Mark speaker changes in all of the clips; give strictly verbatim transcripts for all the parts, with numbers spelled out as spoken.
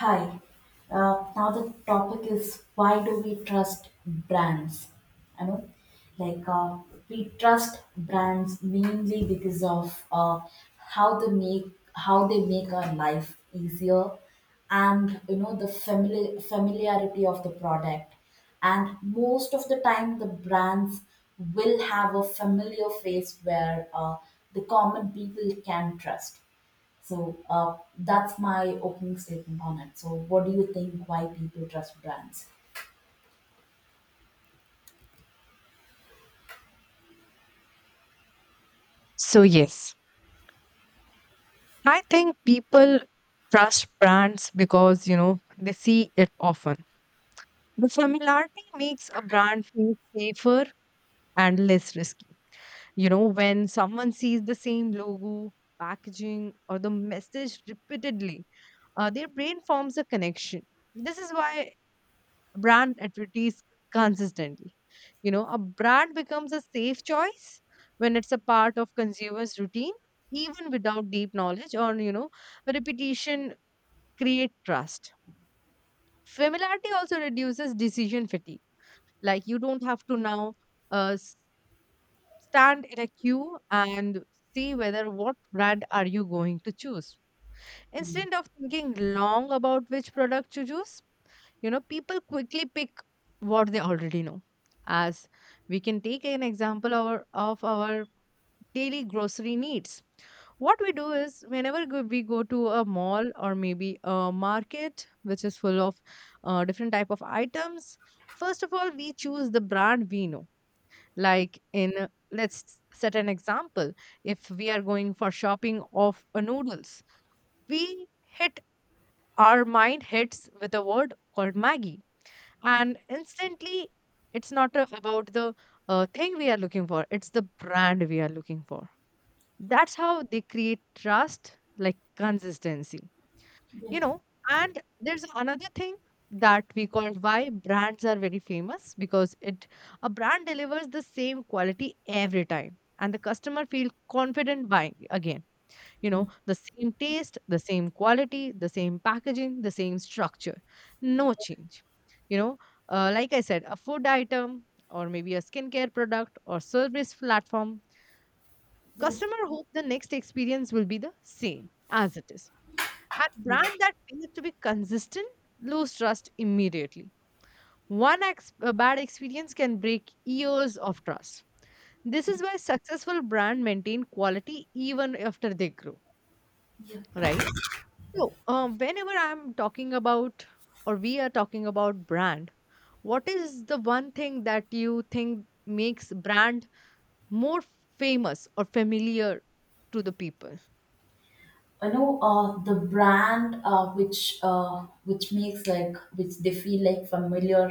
Speaker 1: Hi. Uh, now the topic is, why do we trust brands? I know, like uh, we trust brands mainly because of uh, how they make how they make our life easier, and you know, the famili- familiarity of the product. And most of the time, the brands will have a familiar face where uh, the common people can trust, so uh, that's my opening statement on it. So what do you think? Why people trust brands?
Speaker 2: So, yes, I think people trust brands because, you know, they see it often. The familiarity makes a brand feel safer and less risky. You know, when someone sees the same logo, packaging, or the message repeatedly, uh, their brain forms a connection. This is why brand advertise consistently. You know, a brand becomes a safe choice when it's a part of consumers' routine, even without deep knowledge or, you know, repetition create trust. Familiarity also reduces decision fatigue. Like you don't have to now uh, s- stand in a queue and see whether what brand are you going to choose. Instead of thinking long about which product to choose, you know, people quickly pick what they already know. As we can take an example our, of our daily grocery needs. What we do is, whenever go- we go to a mall or maybe a market, which is full of uh, different type of items, first of all, we choose the brand we know. Like in, let's set an example. If we are going for shopping of uh, noodles, we hit our mind hits with a word called Maggie, and instantly it's not a- about the uh, thing we are looking for, it's the brand we are looking for.
Speaker 1: Yeah.
Speaker 2: That's how they create trust, like consistency, you know. And there's another thing that we call why brands are very famous, because it a brand delivers the same quality every time and the customer feel confident buying again. You know, the same taste, the same quality, the same packaging, the same structure, no change, you know. Uh, like I said, a food item or maybe a skincare product or service platform, customer hope the next experience will be the same as it is. A
Speaker 1: Yeah.
Speaker 2: brand that fails to be consistent lose trust immediately. One ex- a bad experience can break years of trust. This is why successful brand maintain quality even after they grow,
Speaker 1: Yeah.
Speaker 2: right? So, uh, whenever I'm talking about or we are talking about brand, what is the one thing that you think makes brand more famous or familiar to the people?
Speaker 1: You know uh, the brand uh, which uh, which makes like which they feel like familiar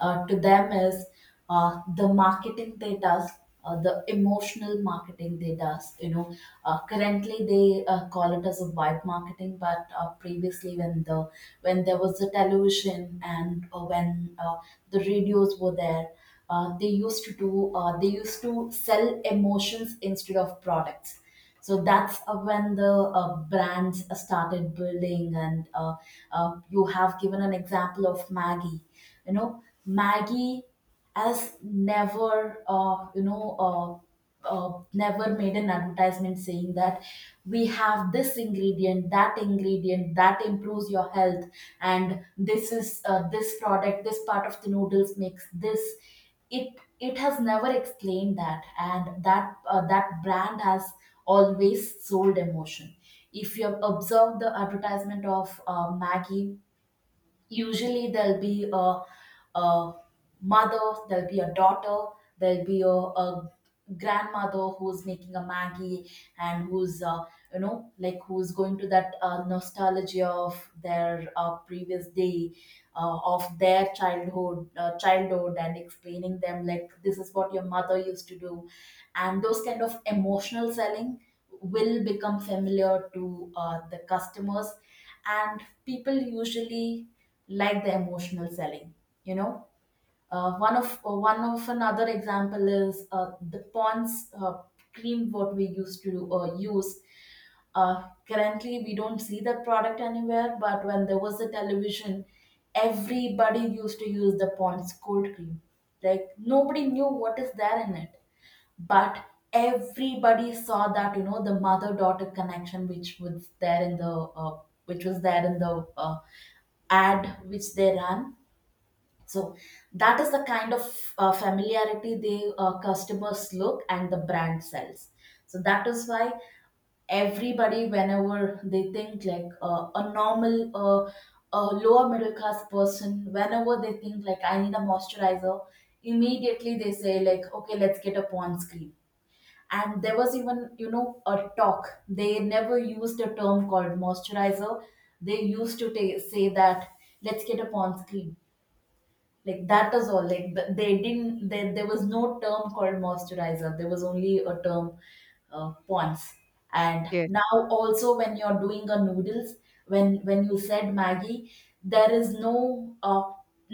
Speaker 1: uh, to them is uh, the marketing they does, uh, the emotional marketing they does, you know, uh, currently they uh, call it as a white marketing, but uh, previously when the when there was the television and uh, when uh, the radios were there, uh, they used to do uh, they used to sell emotions instead of products. So that's uh, when the uh, brands uh, started building, and uh, uh, you have given an example of Maggie. You know, Maggie has never, uh, you know, uh, uh, never made an advertisement saying that we have this ingredient, that ingredient that improves your health, and this is uh, this product, this part of the noodles makes this. It it has never explained that, and that uh, that brand has always sold emotion. If you have observed the advertisement of uh, maggie, usually there'll be a, a mother, there'll be a daughter, there'll be a, a grandmother who's making a Maggie, and who's, uh, you know, like who's going to that uh, nostalgia of their uh, previous day, uh, of their childhood, uh, childhood, and explaining them, like, this is what your mother used to do, and those kind of emotional selling will become familiar to uh, the customers, and people usually like the emotional selling, you know. Uh, one of uh, one of another example is uh, the Pond's uh, cream what we used to uh, use. Uh, currently, we don't see that product anywhere, but when there was a television, everybody used to use the Pond's cold cream. Like, nobody knew what is there in it, but everybody saw, that you know, the mother daughter connection which was there in the uh, which was there in the uh, ad which they ran. So that is the kind of uh, familiarity they, uh, customers look, and the brand sells. So that is why everybody, whenever they think like uh, a normal, uh, a lower middle class person, whenever they think like, I need a moisturizer, immediately they say like, okay, let's get a Pond's cream. And there was even, you know, a talk. They never used a term called moisturizer. They used to ta- say that, let's get a Pond's cream. Like, that is all. Like th- they didn't, there, there was no term called moisturizer, there was only a term uh, ponds. And
Speaker 2: Yes,
Speaker 1: now also, when you're doing a noodles, when when you said maggie, there is no uh,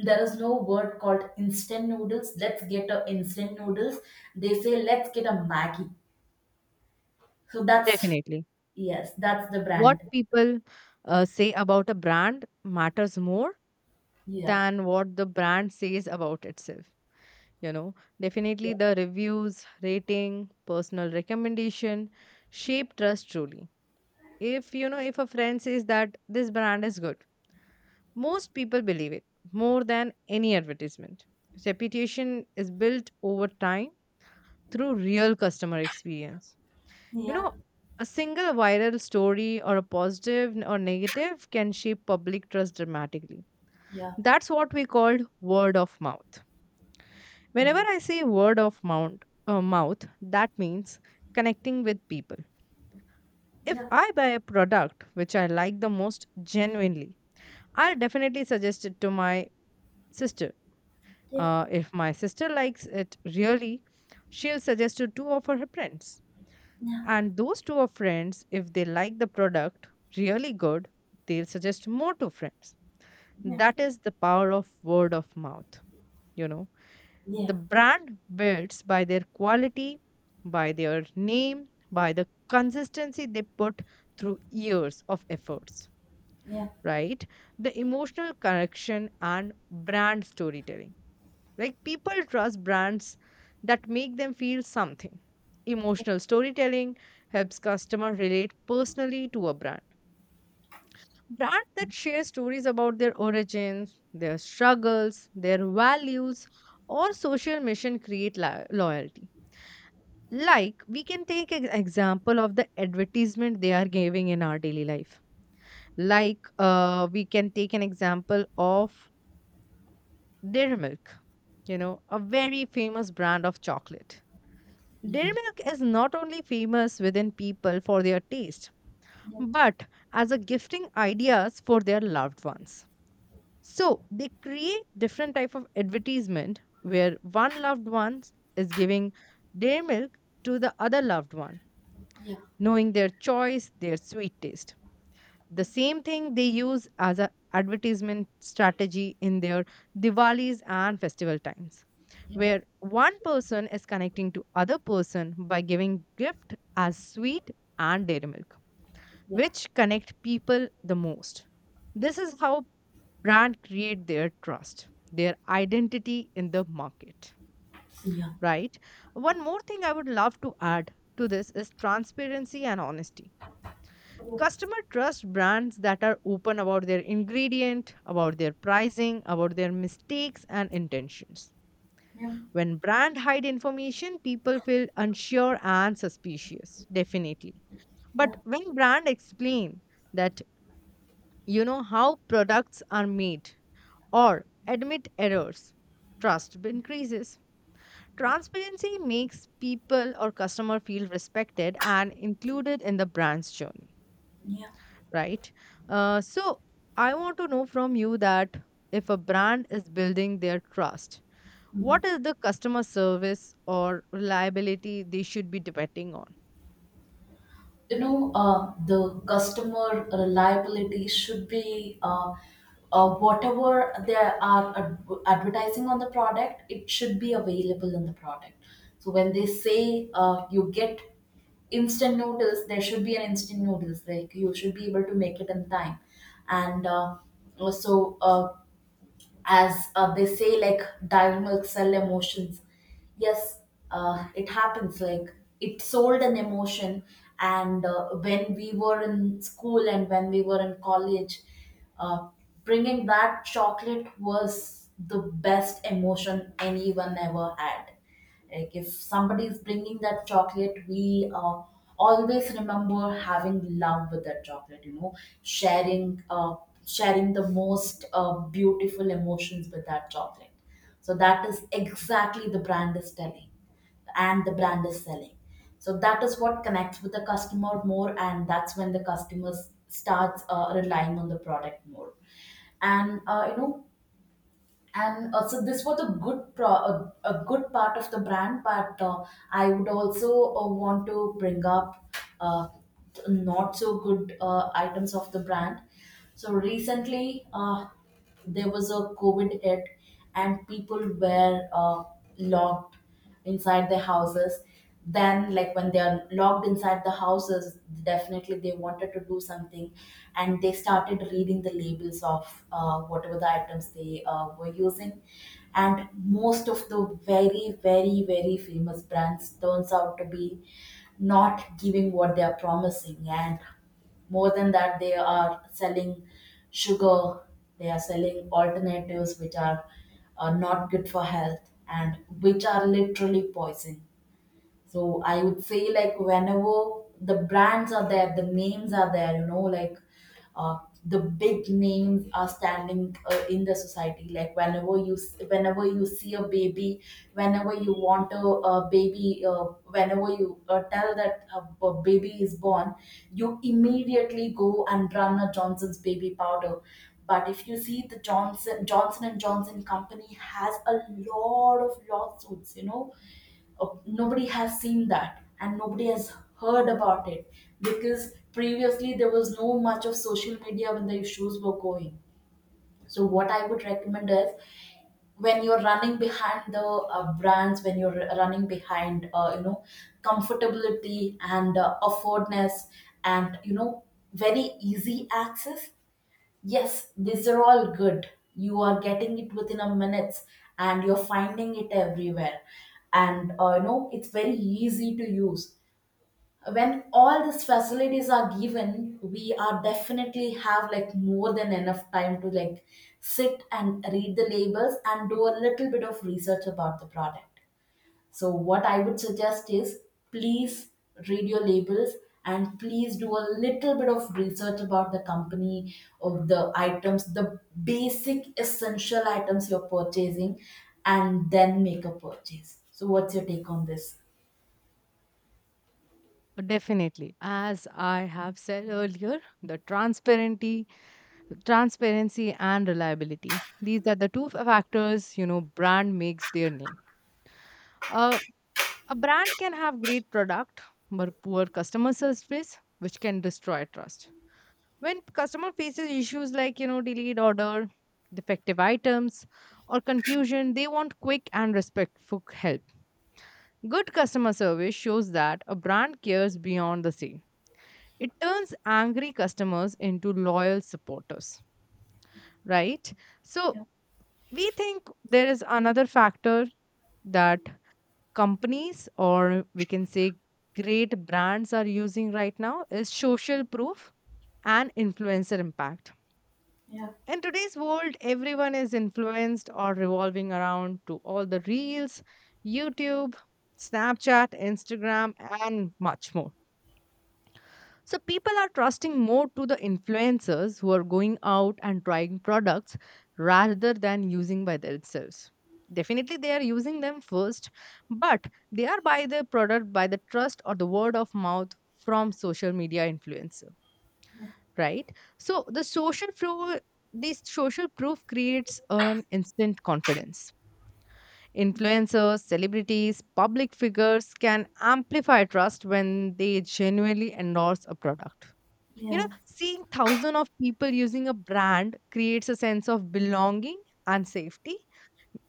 Speaker 1: there is no word called instant noodles, let's get a instant noodles. They say, let's get a maggie. So that's,
Speaker 2: definitely.
Speaker 1: yes, that's the brand.
Speaker 2: What people uh, say about a brand matters more
Speaker 1: Yeah,
Speaker 2: than what the brand says about itself. You know,
Speaker 1: yeah,
Speaker 2: definitely the reviews, rating, personal recommendation shape trust truly. If you know, if a friend says that this brand is good, most people believe it more than any advertisement. Reputation is built over time through real customer experience. You
Speaker 1: yeah,
Speaker 2: know, a single viral story or a positive n- or negative can shape public trust dramatically.
Speaker 1: yeah,
Speaker 2: That's what we called word of mouth.
Speaker 1: yeah,
Speaker 2: Whenever I say word of mouth, uh, mouth, that means connecting with people. If
Speaker 1: yeah,
Speaker 2: I buy a product which I like the most genuinely, I'll definitely suggest it to my sister.
Speaker 1: yeah,
Speaker 2: Uh, if my sister likes it really, she'll suggest to two of her friends.
Speaker 1: yeah,
Speaker 2: And those two of friends, if they like the product really good, they'll suggest more to friends. That is the power of word of mouth. You know, the
Speaker 1: yeah,
Speaker 2: brand builds by their quality, by their name, by the consistency they put through years of efforts,
Speaker 1: yeah,
Speaker 2: right? The emotional connection and brand storytelling, like people trust brands that make them feel something. Emotional storytelling helps customer relate personally to a brand. Brand that share stories about their origins, their struggles, their values, or social mission create lo- loyalty. Like we can take an example of the advertisement they are giving in our daily life. Like uh, we can take an example of Dairy Milk, you know, a very famous brand of chocolate. Dairy
Speaker 1: yeah.
Speaker 2: milk is not only famous within people for their taste,
Speaker 1: Yeah.
Speaker 2: but as a gifting ideas for their loved ones. So they create different type of advertisement where one loved one is giving dairy milk to the other loved one,
Speaker 1: Yeah.
Speaker 2: knowing their choice, their sweet taste. The same thing they use as a advertisement strategy in their diwalis and festival times,
Speaker 1: Yeah.
Speaker 2: where one person is connecting to other person by giving gift as sweet and dairy milk,
Speaker 1: Yeah.
Speaker 2: which connect people the most. This is how brand create their trust, their identity in the market,
Speaker 1: Yeah.
Speaker 2: right? One more thing I would love to add to this is transparency and honesty. Customer trust brands that are open about their ingredient, about their pricing, about their mistakes and intentions.
Speaker 1: Yeah.
Speaker 2: When brand hide information, people feel unsure and suspicious, definitely. But
Speaker 1: Yeah.
Speaker 2: when brand explain that, you know, how products are made or admit errors, trust increases. Transparency makes people or customer feel respected and included in the brand's journey,
Speaker 1: Yeah.
Speaker 2: right? Uh, so I want to know from you that if a brand is building their trust, what
Speaker 1: Mhm.
Speaker 2: is the customer service or reliability they should be depending on?
Speaker 1: You know, uh, the customer reliability should be uh, uh, whatever they are ad- advertising on the product, it should be available in the product. So when they say uh, you get instant noodles, there should be an instant noodles. Like, you should be able to make it in time. And uh, so uh, as uh, they say, like, diagonal sell emotions, yes, uh, it happens like it sold an emotion. And uh, when we were in school and when we were in college, uh, bringing that chocolate was the best emotion anyone ever had. Like, if somebody is bringing that chocolate, we uh, always remember having love with that chocolate. You know, sharing uh, sharing the most uh, beautiful emotions with that chocolate. So that is exactly the brand is telling and the brand is selling. So that is what connects with the customer more, and that's when the customer s- starts uh, relying on the product more. And uh, you know, and uh, So this was a good pro- a, a good part of the brand, but uh, I would also uh, want to bring up uh, not so good uh, items of the brand. So recently, uh, there was a covid hit, and people were uh, locked inside their houses. Then, like, when they are locked inside the houses, definitely they wanted to do something, and they started reading the labels of uh, whatever the items they uh, were using. And most of the very very very famous brands turns out to be not giving what they are promising, and more than that, they are selling sugar. They are selling alternatives which are uh, not good for health and which are literally poison. So I would say, like, whenever the brands are there, the names are there, you know, like, uh, the big names are standing uh, in the society. Like, whenever you s- whenever you see a baby, whenever you want a, a baby, uh, whenever you uh, tell that a, a baby is born, you immediately go and run a Johnson's baby powder. But if you see, the Johnson Johnson and Johnson company has a lot of lawsuits, you know. Oh, nobody has seen that, and nobody has heard about it because previously there was no much of social media when the issues were going. So what I would recommend is, when you're running behind the uh, brands, when you're running behind, uh, you know, comfortability and uh, affordness, and, you know, very easy access. Yes, these are all good. You are getting it within a minute and you're finding it everywhere. And uh, you know, it's very easy to use. When all these facilities are given, we are definitely have, like, more than enough time to, like, sit and read the labels and do a little bit of research about the product. So what I would suggest is, please, read your labels, and please do a little bit of research about the company of the items, the basic essential items you're purchasing, and then make a purchase. So, what's your take on this?
Speaker 2: Definitely. As I have said earlier, the transparency transparency and reliability, these are the two f- factors, you know, brand makes their name. Uh, a brand can have great product but poor customer service, which can destroy trust. When customer faces issues like, you know, delayed order, defective items, or confusion, they want quick and respectful help. Good customer service shows that a brand cares beyond the sale. It turns angry customers into loyal supporters, right? So we think there is another factor that companies or we can say great brands are using right now is social proof and influencer impact.
Speaker 1: Yeah.
Speaker 2: In today's world, everyone is influenced or revolving around to all the reels, YouTube, Snapchat, Instagram, and much more. So people are trusting more to the influencers who are going out and trying products rather than using by themselves. Definitely they are using them first, but they are by the product by the trust or the word of mouth from social media influencer,
Speaker 1: Yeah.
Speaker 2: right? So the social proof, this social proof creates an instant confidence. Influencers, celebrities, public figures can amplify trust when they genuinely endorse a product. You know,
Speaker 1: Yeah.
Speaker 2: seeing thousands of people using a brand creates a sense of belonging and safety,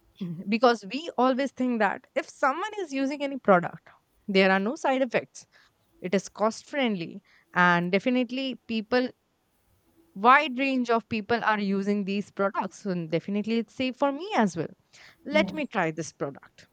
Speaker 2: because we always think that if someone is using any product, there are no side effects. It is cost friendly, and definitely, people wide range of people are using these products. So definitely, it's safe for me as well. Let
Speaker 1: Yeah.
Speaker 2: me try this product.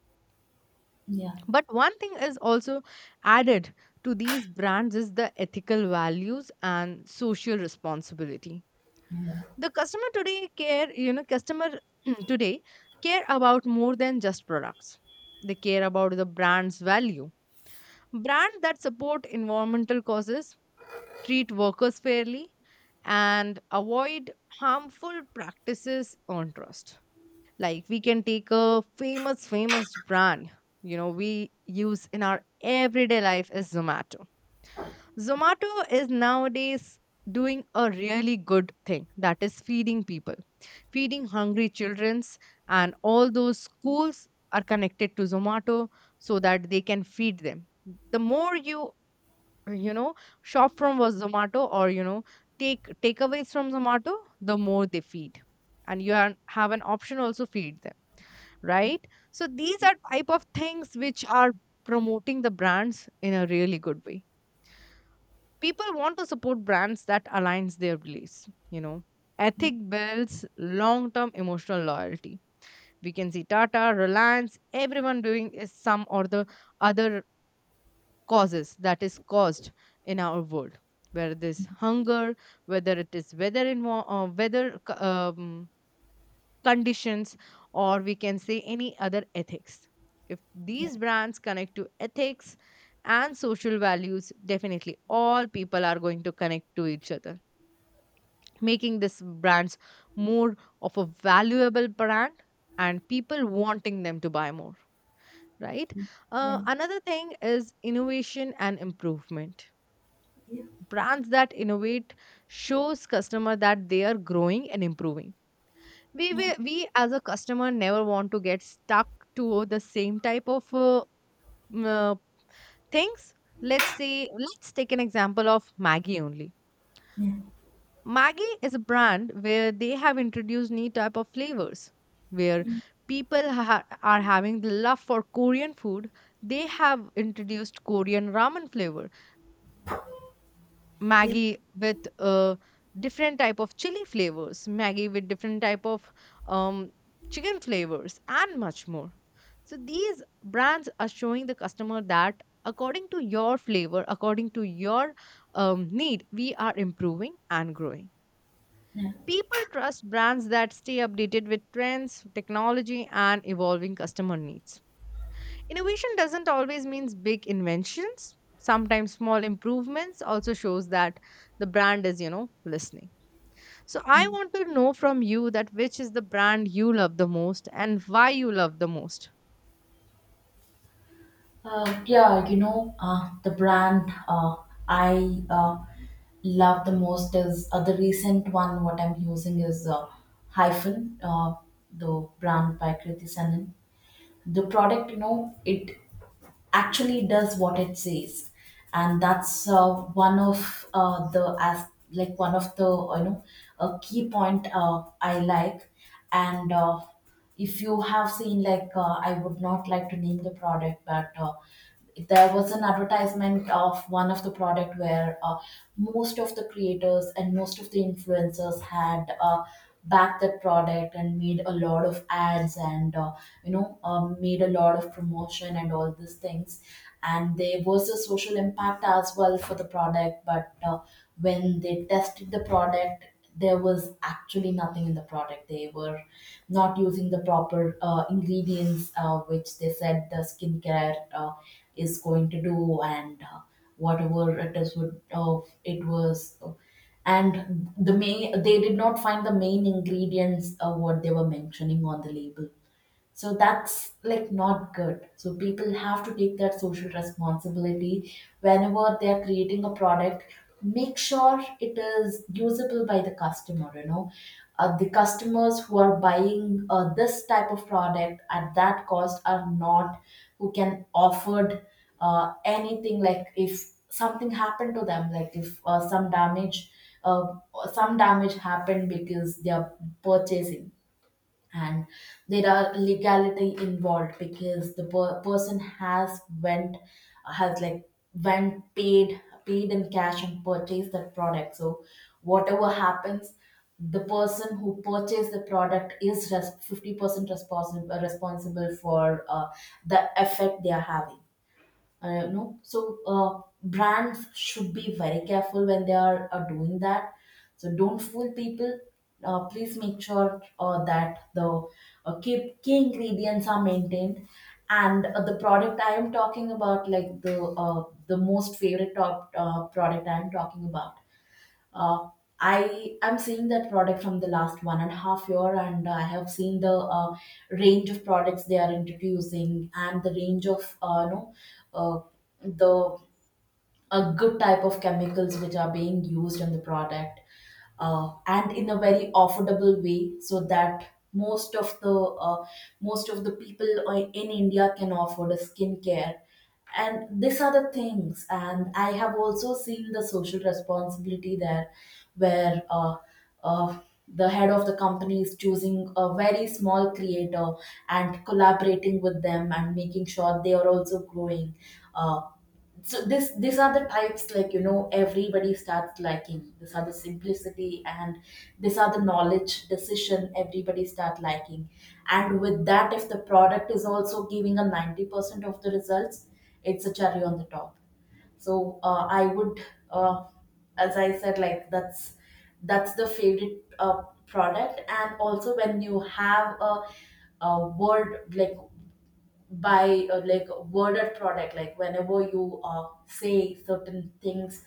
Speaker 1: Yeah,
Speaker 2: But one thing is also added to these brands is the ethical values and social responsibility.
Speaker 1: yeah.
Speaker 2: The customer today care, you know, customer today care about more than just products. They care about the brand's value. Brands that support environmental causes, treat workers fairly, and avoid harmful practices on trust. Like we can take a famous famous brand, you know, we use in our everyday life is Zomato. Zomato is nowadays doing a really good thing, that is feeding people, feeding hungry childrens, and all those schools are connected to Zomato so that they can feed them. The more you, you know, shop from was Zomato or, you know, take takeaways from Zomato, the more they feed, and you are, have an option also feed them, right? So these are type of things which are promoting the brands in a really good way. People want to support brands that aligns their beliefs, you know,
Speaker 1: Yeah.
Speaker 2: ethic builds long term emotional loyalty. We can see Tata, Reliance, everyone doing is some or the other causes that is caused in our world. Whether this hunger, whether it is weather in uh, weather c- um, conditions, or we can say any other ethics. If these brands connect to ethics and social values, definitely all people are going to connect to each other, making this brands more of a valuable brand and people wanting them to buy more, right?
Speaker 1: Yeah.
Speaker 2: Uh, another thing is innovation and improvement.
Speaker 1: Yeah.
Speaker 2: Brands that innovate shows customer that they are growing and improving. We
Speaker 1: Yeah.
Speaker 2: will, we as a customer never want to get stuck to the same type of uh, mm, uh, things. Let's say let's take an example of Maggie only. Maggie is a brand where they have introduced new type of flavors where people ha- are having the love for Korean food. They have introduced Korean ramen flavor
Speaker 1: Yeah.
Speaker 2: Maggie with uh, different type of chili flavors, Maggie with different type of um, chicken flavors, and much more. So these brands are showing the customer that according to your flavor, according to your um, need, we are improving and growing.
Speaker 1: Yeah.
Speaker 2: People trust brands that stay updated with trends, technology, and evolving customer needs. Innovation doesn't always means big inventions. Sometimes small improvements also shows that the brand is, you know, listening. So I want to know from you that which is the brand you love the most and why you love the most.
Speaker 1: Uh, yeah, you know, uh, the brand uh, I uh, love the most is uh, the recent one. What I'm using is uh, Hyphen, uh, the brand by Kriti Sanon. The product, you know, it actually does what it says, and that's uh, one of uh, the as like, one of the, uh, you know, a key point uh, I like. And uh, if you have seen, like, uh, I would not like to name the product, but uh, there was an advertisement of one of the product where uh, most of the creators and most of the influencers had uh, backed that product and made a lot of ads, and uh, you know um, made a lot of promotion and all these things, and there was a social impact as well for the product. But uh, when they tested the product, there was actually nothing in the product. They were not using the proper uh, ingredients, uh, which they said the skincare uh, is going to do. And uh, whatever it is would uh, it was. Uh, and the main, they did not find the main ingredients of what they were mentioning on the label, so that's like not good, so people have to take that social responsibility whenever they are creating a product. Make sure it is usable by the customer you know uh, The customers who are buying uh, this type of product at that cost are not who can offered uh, anything, like if something happened to them, like if uh, some damage uh, some damage happened because they are purchasing. And there are legality involved because the per- person has went has like went paid paid in cash and purchased that product. So whatever happens, the person who purchased the product is res- fifty percent responsible responsible for uh, the effect they are having uh, you know So uh, brands should be very careful when they are uh, doing that. So don't fool people. Uh, please make sure uh, that the uh, key, key ingredients are maintained. And uh, the product I am talking about, like the uh, the most favorite top uh, product I am talking about. uh, I am seeing that product from the last one and a half year, and I have seen the uh, range of products they are introducing, and the range of uh, you know uh, the a good type of chemicals which are being used in the product, uh, and in a very affordable way so that most of the uh, most of the people i- in India can afford a skincare. And these are the things, and I have also seen the social responsibility there where uh, uh, the head of the company is choosing a very small creator and collaborating with them and making sure they are also growing. Uh, so this these are the types, like, you know everybody starts liking. These are the simplicity, and these are the knowledge decision everybody start liking. And with that, if the product is also giving a ninety percent of the results, it's a cherry on the top. So uh, I would, uh, as I said, like, that's that's the favorite uh, product. And also when you have a a word, like, by uh, like, worded product, like whenever you uh, say certain things,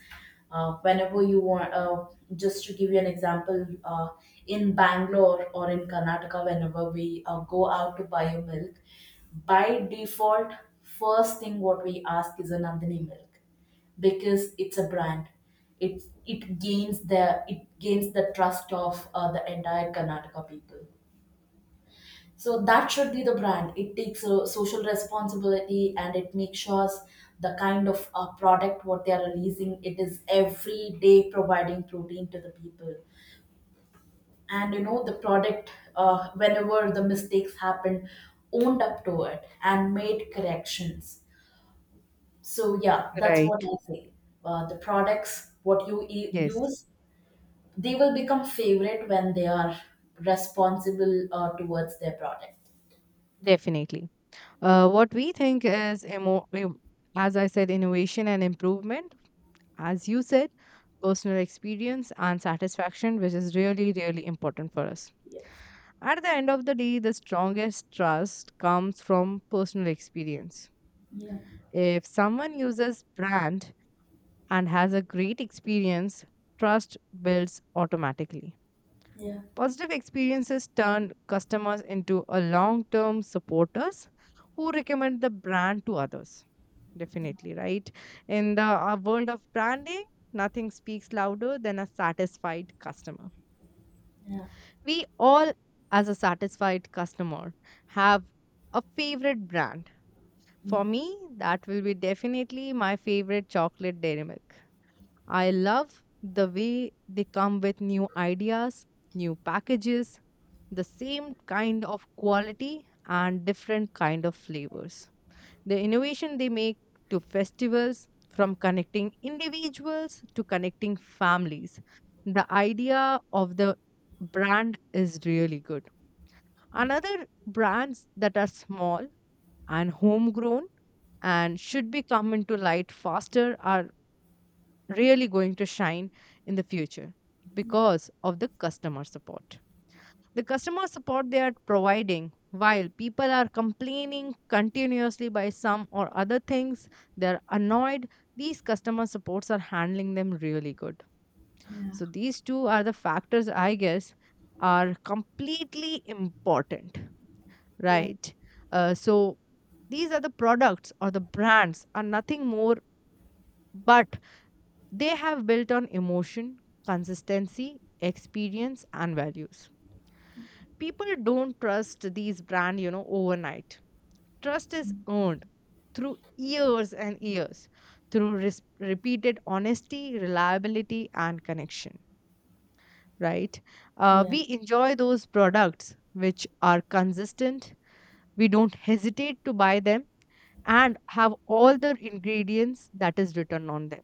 Speaker 1: uh, whenever you want, uh, just to give you an example. Uh, in Bangalore or in Karnataka, whenever we uh, go out to buy a milk, by default, first thing what we ask is a Nandini milk, because it's a brand. It it gains the it gains the trust of uh, the entire Karnataka people. So that should be the brand. It takes a social responsibility, and it makes sure the kind of uh, product what they are releasing, it is every day providing protein to the people. And you know the product, uh, whenever the mistakes happen, owned up to it and made corrections. So yeah, that's what
Speaker 2: Right.
Speaker 1: I say. Uh, the products what you e-
Speaker 2: Yes.
Speaker 1: use, they will become favorite when they are responsible uh, towards their product.
Speaker 2: Definitely. Uh, what we think is, emo- em- as I said, innovation and improvement. As you said, personal experience and satisfaction, which is really, really important for us.
Speaker 1: Yeah.
Speaker 2: At the end of the day, the strongest trust comes from personal experience.
Speaker 1: Yeah.
Speaker 2: If someone uses brand and has a great experience, trust builds automatically. Positive experiences turn customers into a long-term supporters who recommend the brand to others.
Speaker 1: Yeah.
Speaker 2: Definitely, right? In the uh, world of branding, nothing speaks louder than a satisfied customer.
Speaker 1: Yeah,
Speaker 2: We all, as a satisfied customer, have a favorite brand.
Speaker 1: yeah,
Speaker 2: For me, that will be definitely my favorite chocolate Dairy Milk. I love the way they come with new ideas, new packages, the same kind of quality and different kind of flavors. The innovation they make to festivals from connecting individuals to connecting families. The idea of the brand is really good. Another brands that are small and homegrown and should be come into light faster are really going to shine in the future
Speaker 1: yeah.
Speaker 2: because of the customer support. The customer support they are providing while people are complaining continuously by some or other things, they're annoyed. These customer supports are handling them really good. So
Speaker 1: Yeah,
Speaker 2: these two are the factors I guess are completely important.
Speaker 1: yeah,
Speaker 2: Right. Uh, so these are the products or the brands are nothing more, but they have built on emotion, consistency, experience, and values. People don't trust these brands, you know, overnight. Trust is earned through years and years, through res- repeated honesty, reliability, and connection. Right. Uh,
Speaker 1: yeah,
Speaker 2: we enjoy those products which are consistent. We don't hesitate to buy them and have all the ingredients that is written on them,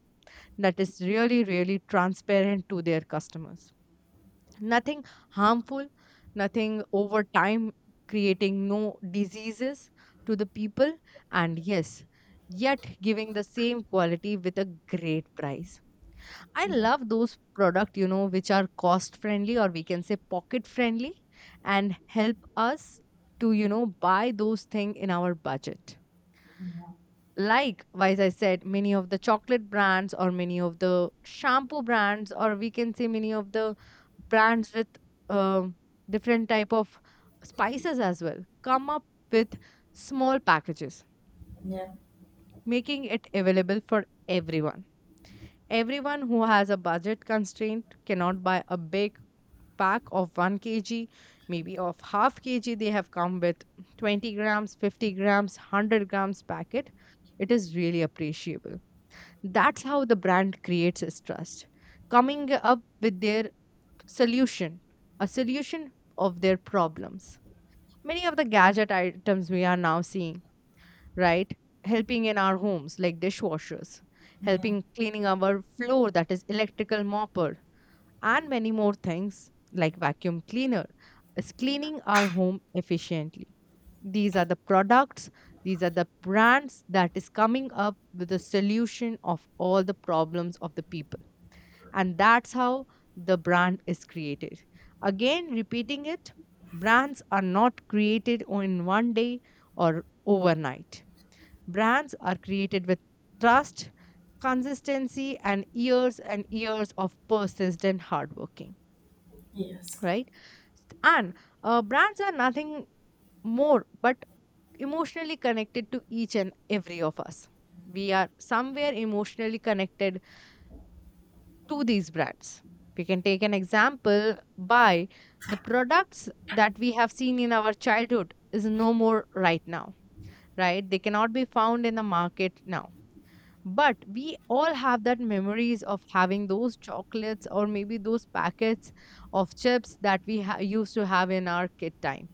Speaker 2: that is really really transparent to their customers. Nothing harmful, nothing over time creating no diseases to the people, and yes, yet giving the same quality with a great price. I love those product, you know which are cost friendly, or we can say pocket friendly, and help us to, you know buy those thing in our budget.
Speaker 1: yeah,
Speaker 2: Like as I said, many of the chocolate brands or many of the shampoo brands, or we can say many of the brands with um different type of spices as well come up with small packages,
Speaker 1: yeah,
Speaker 2: making it available for everyone. Everyone who has a budget constraint cannot buy a big pack of one kilogram, maybe of half kg. They have come with twenty grams, fifty grams, hundred grams packet. It is really appreciable. That's how the brand creates its trust, coming up with their solution, a solution of their problems. Many of the gadget items we are now seeing, right, helping in our homes, like dishwashers,
Speaker 1: yeah,
Speaker 2: helping cleaning our floor, that is electrical mopper, and many more things like vacuum cleaner is cleaning our home efficiently. These are the products, these are the brands that is coming up with a solution of all the problems of the people. And that's how the brand is created. Again repeating it, brands are not created o- in one day or overnight. Brands are created with trust, consistency, and years and years of persistent hard working,
Speaker 1: yes,
Speaker 2: right? And uh, brands are nothing more but emotionally connected to each and every of us. We are somewhere emotionally connected to these brands. We can take an example by the products that we have seen in our childhood is no more right now, right? They cannot be found in the market now. But we all have that memories of having those chocolates or maybe those packets of chips that we ha- used to have in our kid time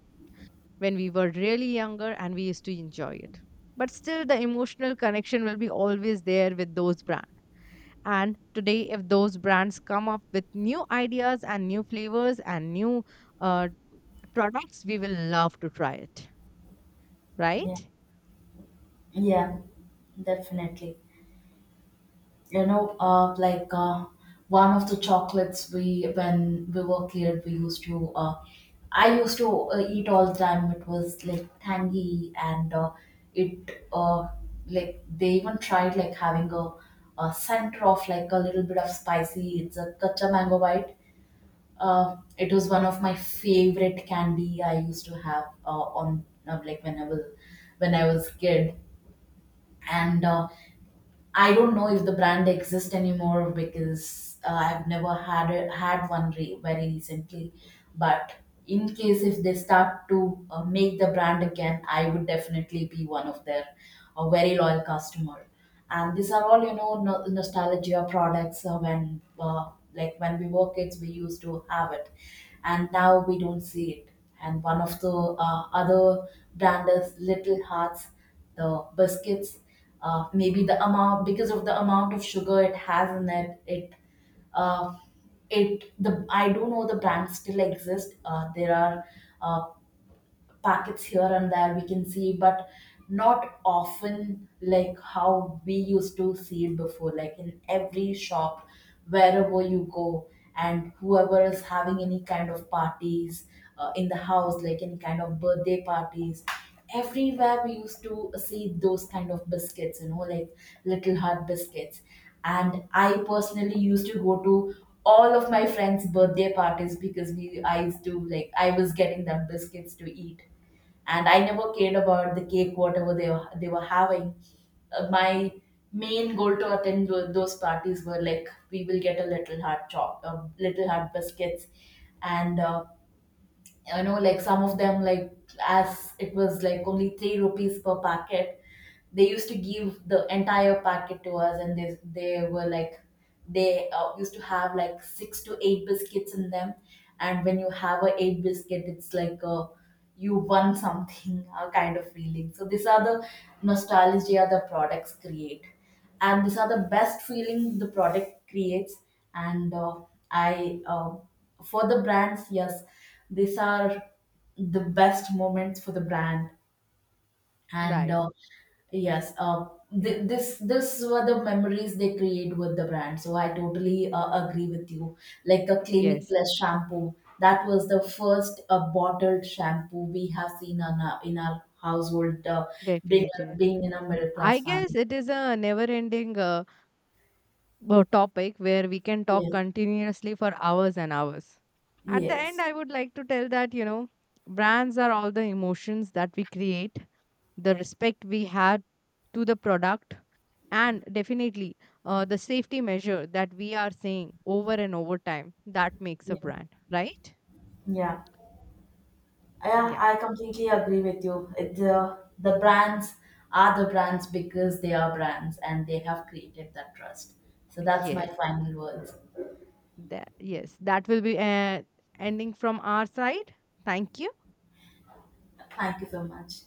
Speaker 2: when we were really younger and we used to enjoy it. But still, the emotional connection will be always there with those brands. And today, if those brands come up with new ideas and new flavors and new uh, products, we will love to try it,
Speaker 1: yeah,
Speaker 2: right?
Speaker 1: yeah, definitely. You know, uh, like uh, one of the chocolates, we when we were kid, we used to uh, I used to uh, eat all the time. It was like tangy, and uh, it uh, like they even tried, like having a, a center of, like, a little bit of spicy. It's a kacha mango bite. Uh, it was one of my favorite candy I used to have uh, on uh, like when I was when I was kid. And uh, I don't know if the brand exists anymore, because uh, I've never had a, had one re- very recently. But in case if they start to uh, make the brand again, I would definitely be one of their, a very loyal customer. And these are all, you know no- nostalgia products. Uh, when uh, like when we were kids, we used to have it, and now we don't see it. And one of the uh, other brand is Little Hearts, the biscuits. Uh, maybe the amount, because of the amount of sugar it has in it it uh, it the I do not know the brand still exists. Uh, there are uh, packets here and there we can see, but not often, like how we used to see it before, like in every shop wherever you go, and whoever is having any kind of parties, uh, in the house, like any kind of birthday parties, everywhere we used to see those kind of biscuits, you know like little heart biscuits. And I personally used to go to all of my friends birthday parties, because we I used to, like, I was getting them biscuits to eat. And I never cared about the cake, whatever they were, they were having. Uh, my main goal to attend tho- those parties were, like, we will get a little heart chop a little heart biscuits. And uh, you know like some of them, like, as it was, like, only three rupees per packet, they used to give the entire packet to us. And they, they were, like, they uh, used to have like six to eight biscuits in them. And when you have a eight biscuit, it's like a, you won something a kind of feeling. So these are the nostalgia the products create, and these are the best feeling the product creates. And uh, I uh, for the brands, yes, these are the best moments for the brand. And
Speaker 2: Right.
Speaker 1: uh, yes, uh, th- this this were the memories they create with the brand, so I totally uh, agree with you, like a Clinic
Speaker 2: Yes,
Speaker 1: Plus shampoo. That was the first uh, bottled shampoo we have seen in our, in our household, uh, being uh,
Speaker 2: definitely.
Speaker 1: being in a middle
Speaker 2: I
Speaker 1: class
Speaker 2: guess
Speaker 1: family.
Speaker 2: it is a never ending uh, uh, topic where we can talk
Speaker 1: Yes.
Speaker 2: continuously for hours and hours. At the end,
Speaker 1: Yes.
Speaker 2: I would like to tell that, you know, brands are all the emotions that we create, the respect we had to the product, and definitely uh, the safety measure that we are saying over and over time that makes a
Speaker 1: Yeah,
Speaker 2: brand, right?
Speaker 1: yeah, yeah,
Speaker 2: Yeah.
Speaker 1: I completely agree with you. It, uh, the brands are the brands because they are brands, and they have created that trust. So that's my
Speaker 2: Yes.
Speaker 1: final words.
Speaker 2: That, yes. That will be uh, ending from our side. Thank you.
Speaker 1: Thank you so much.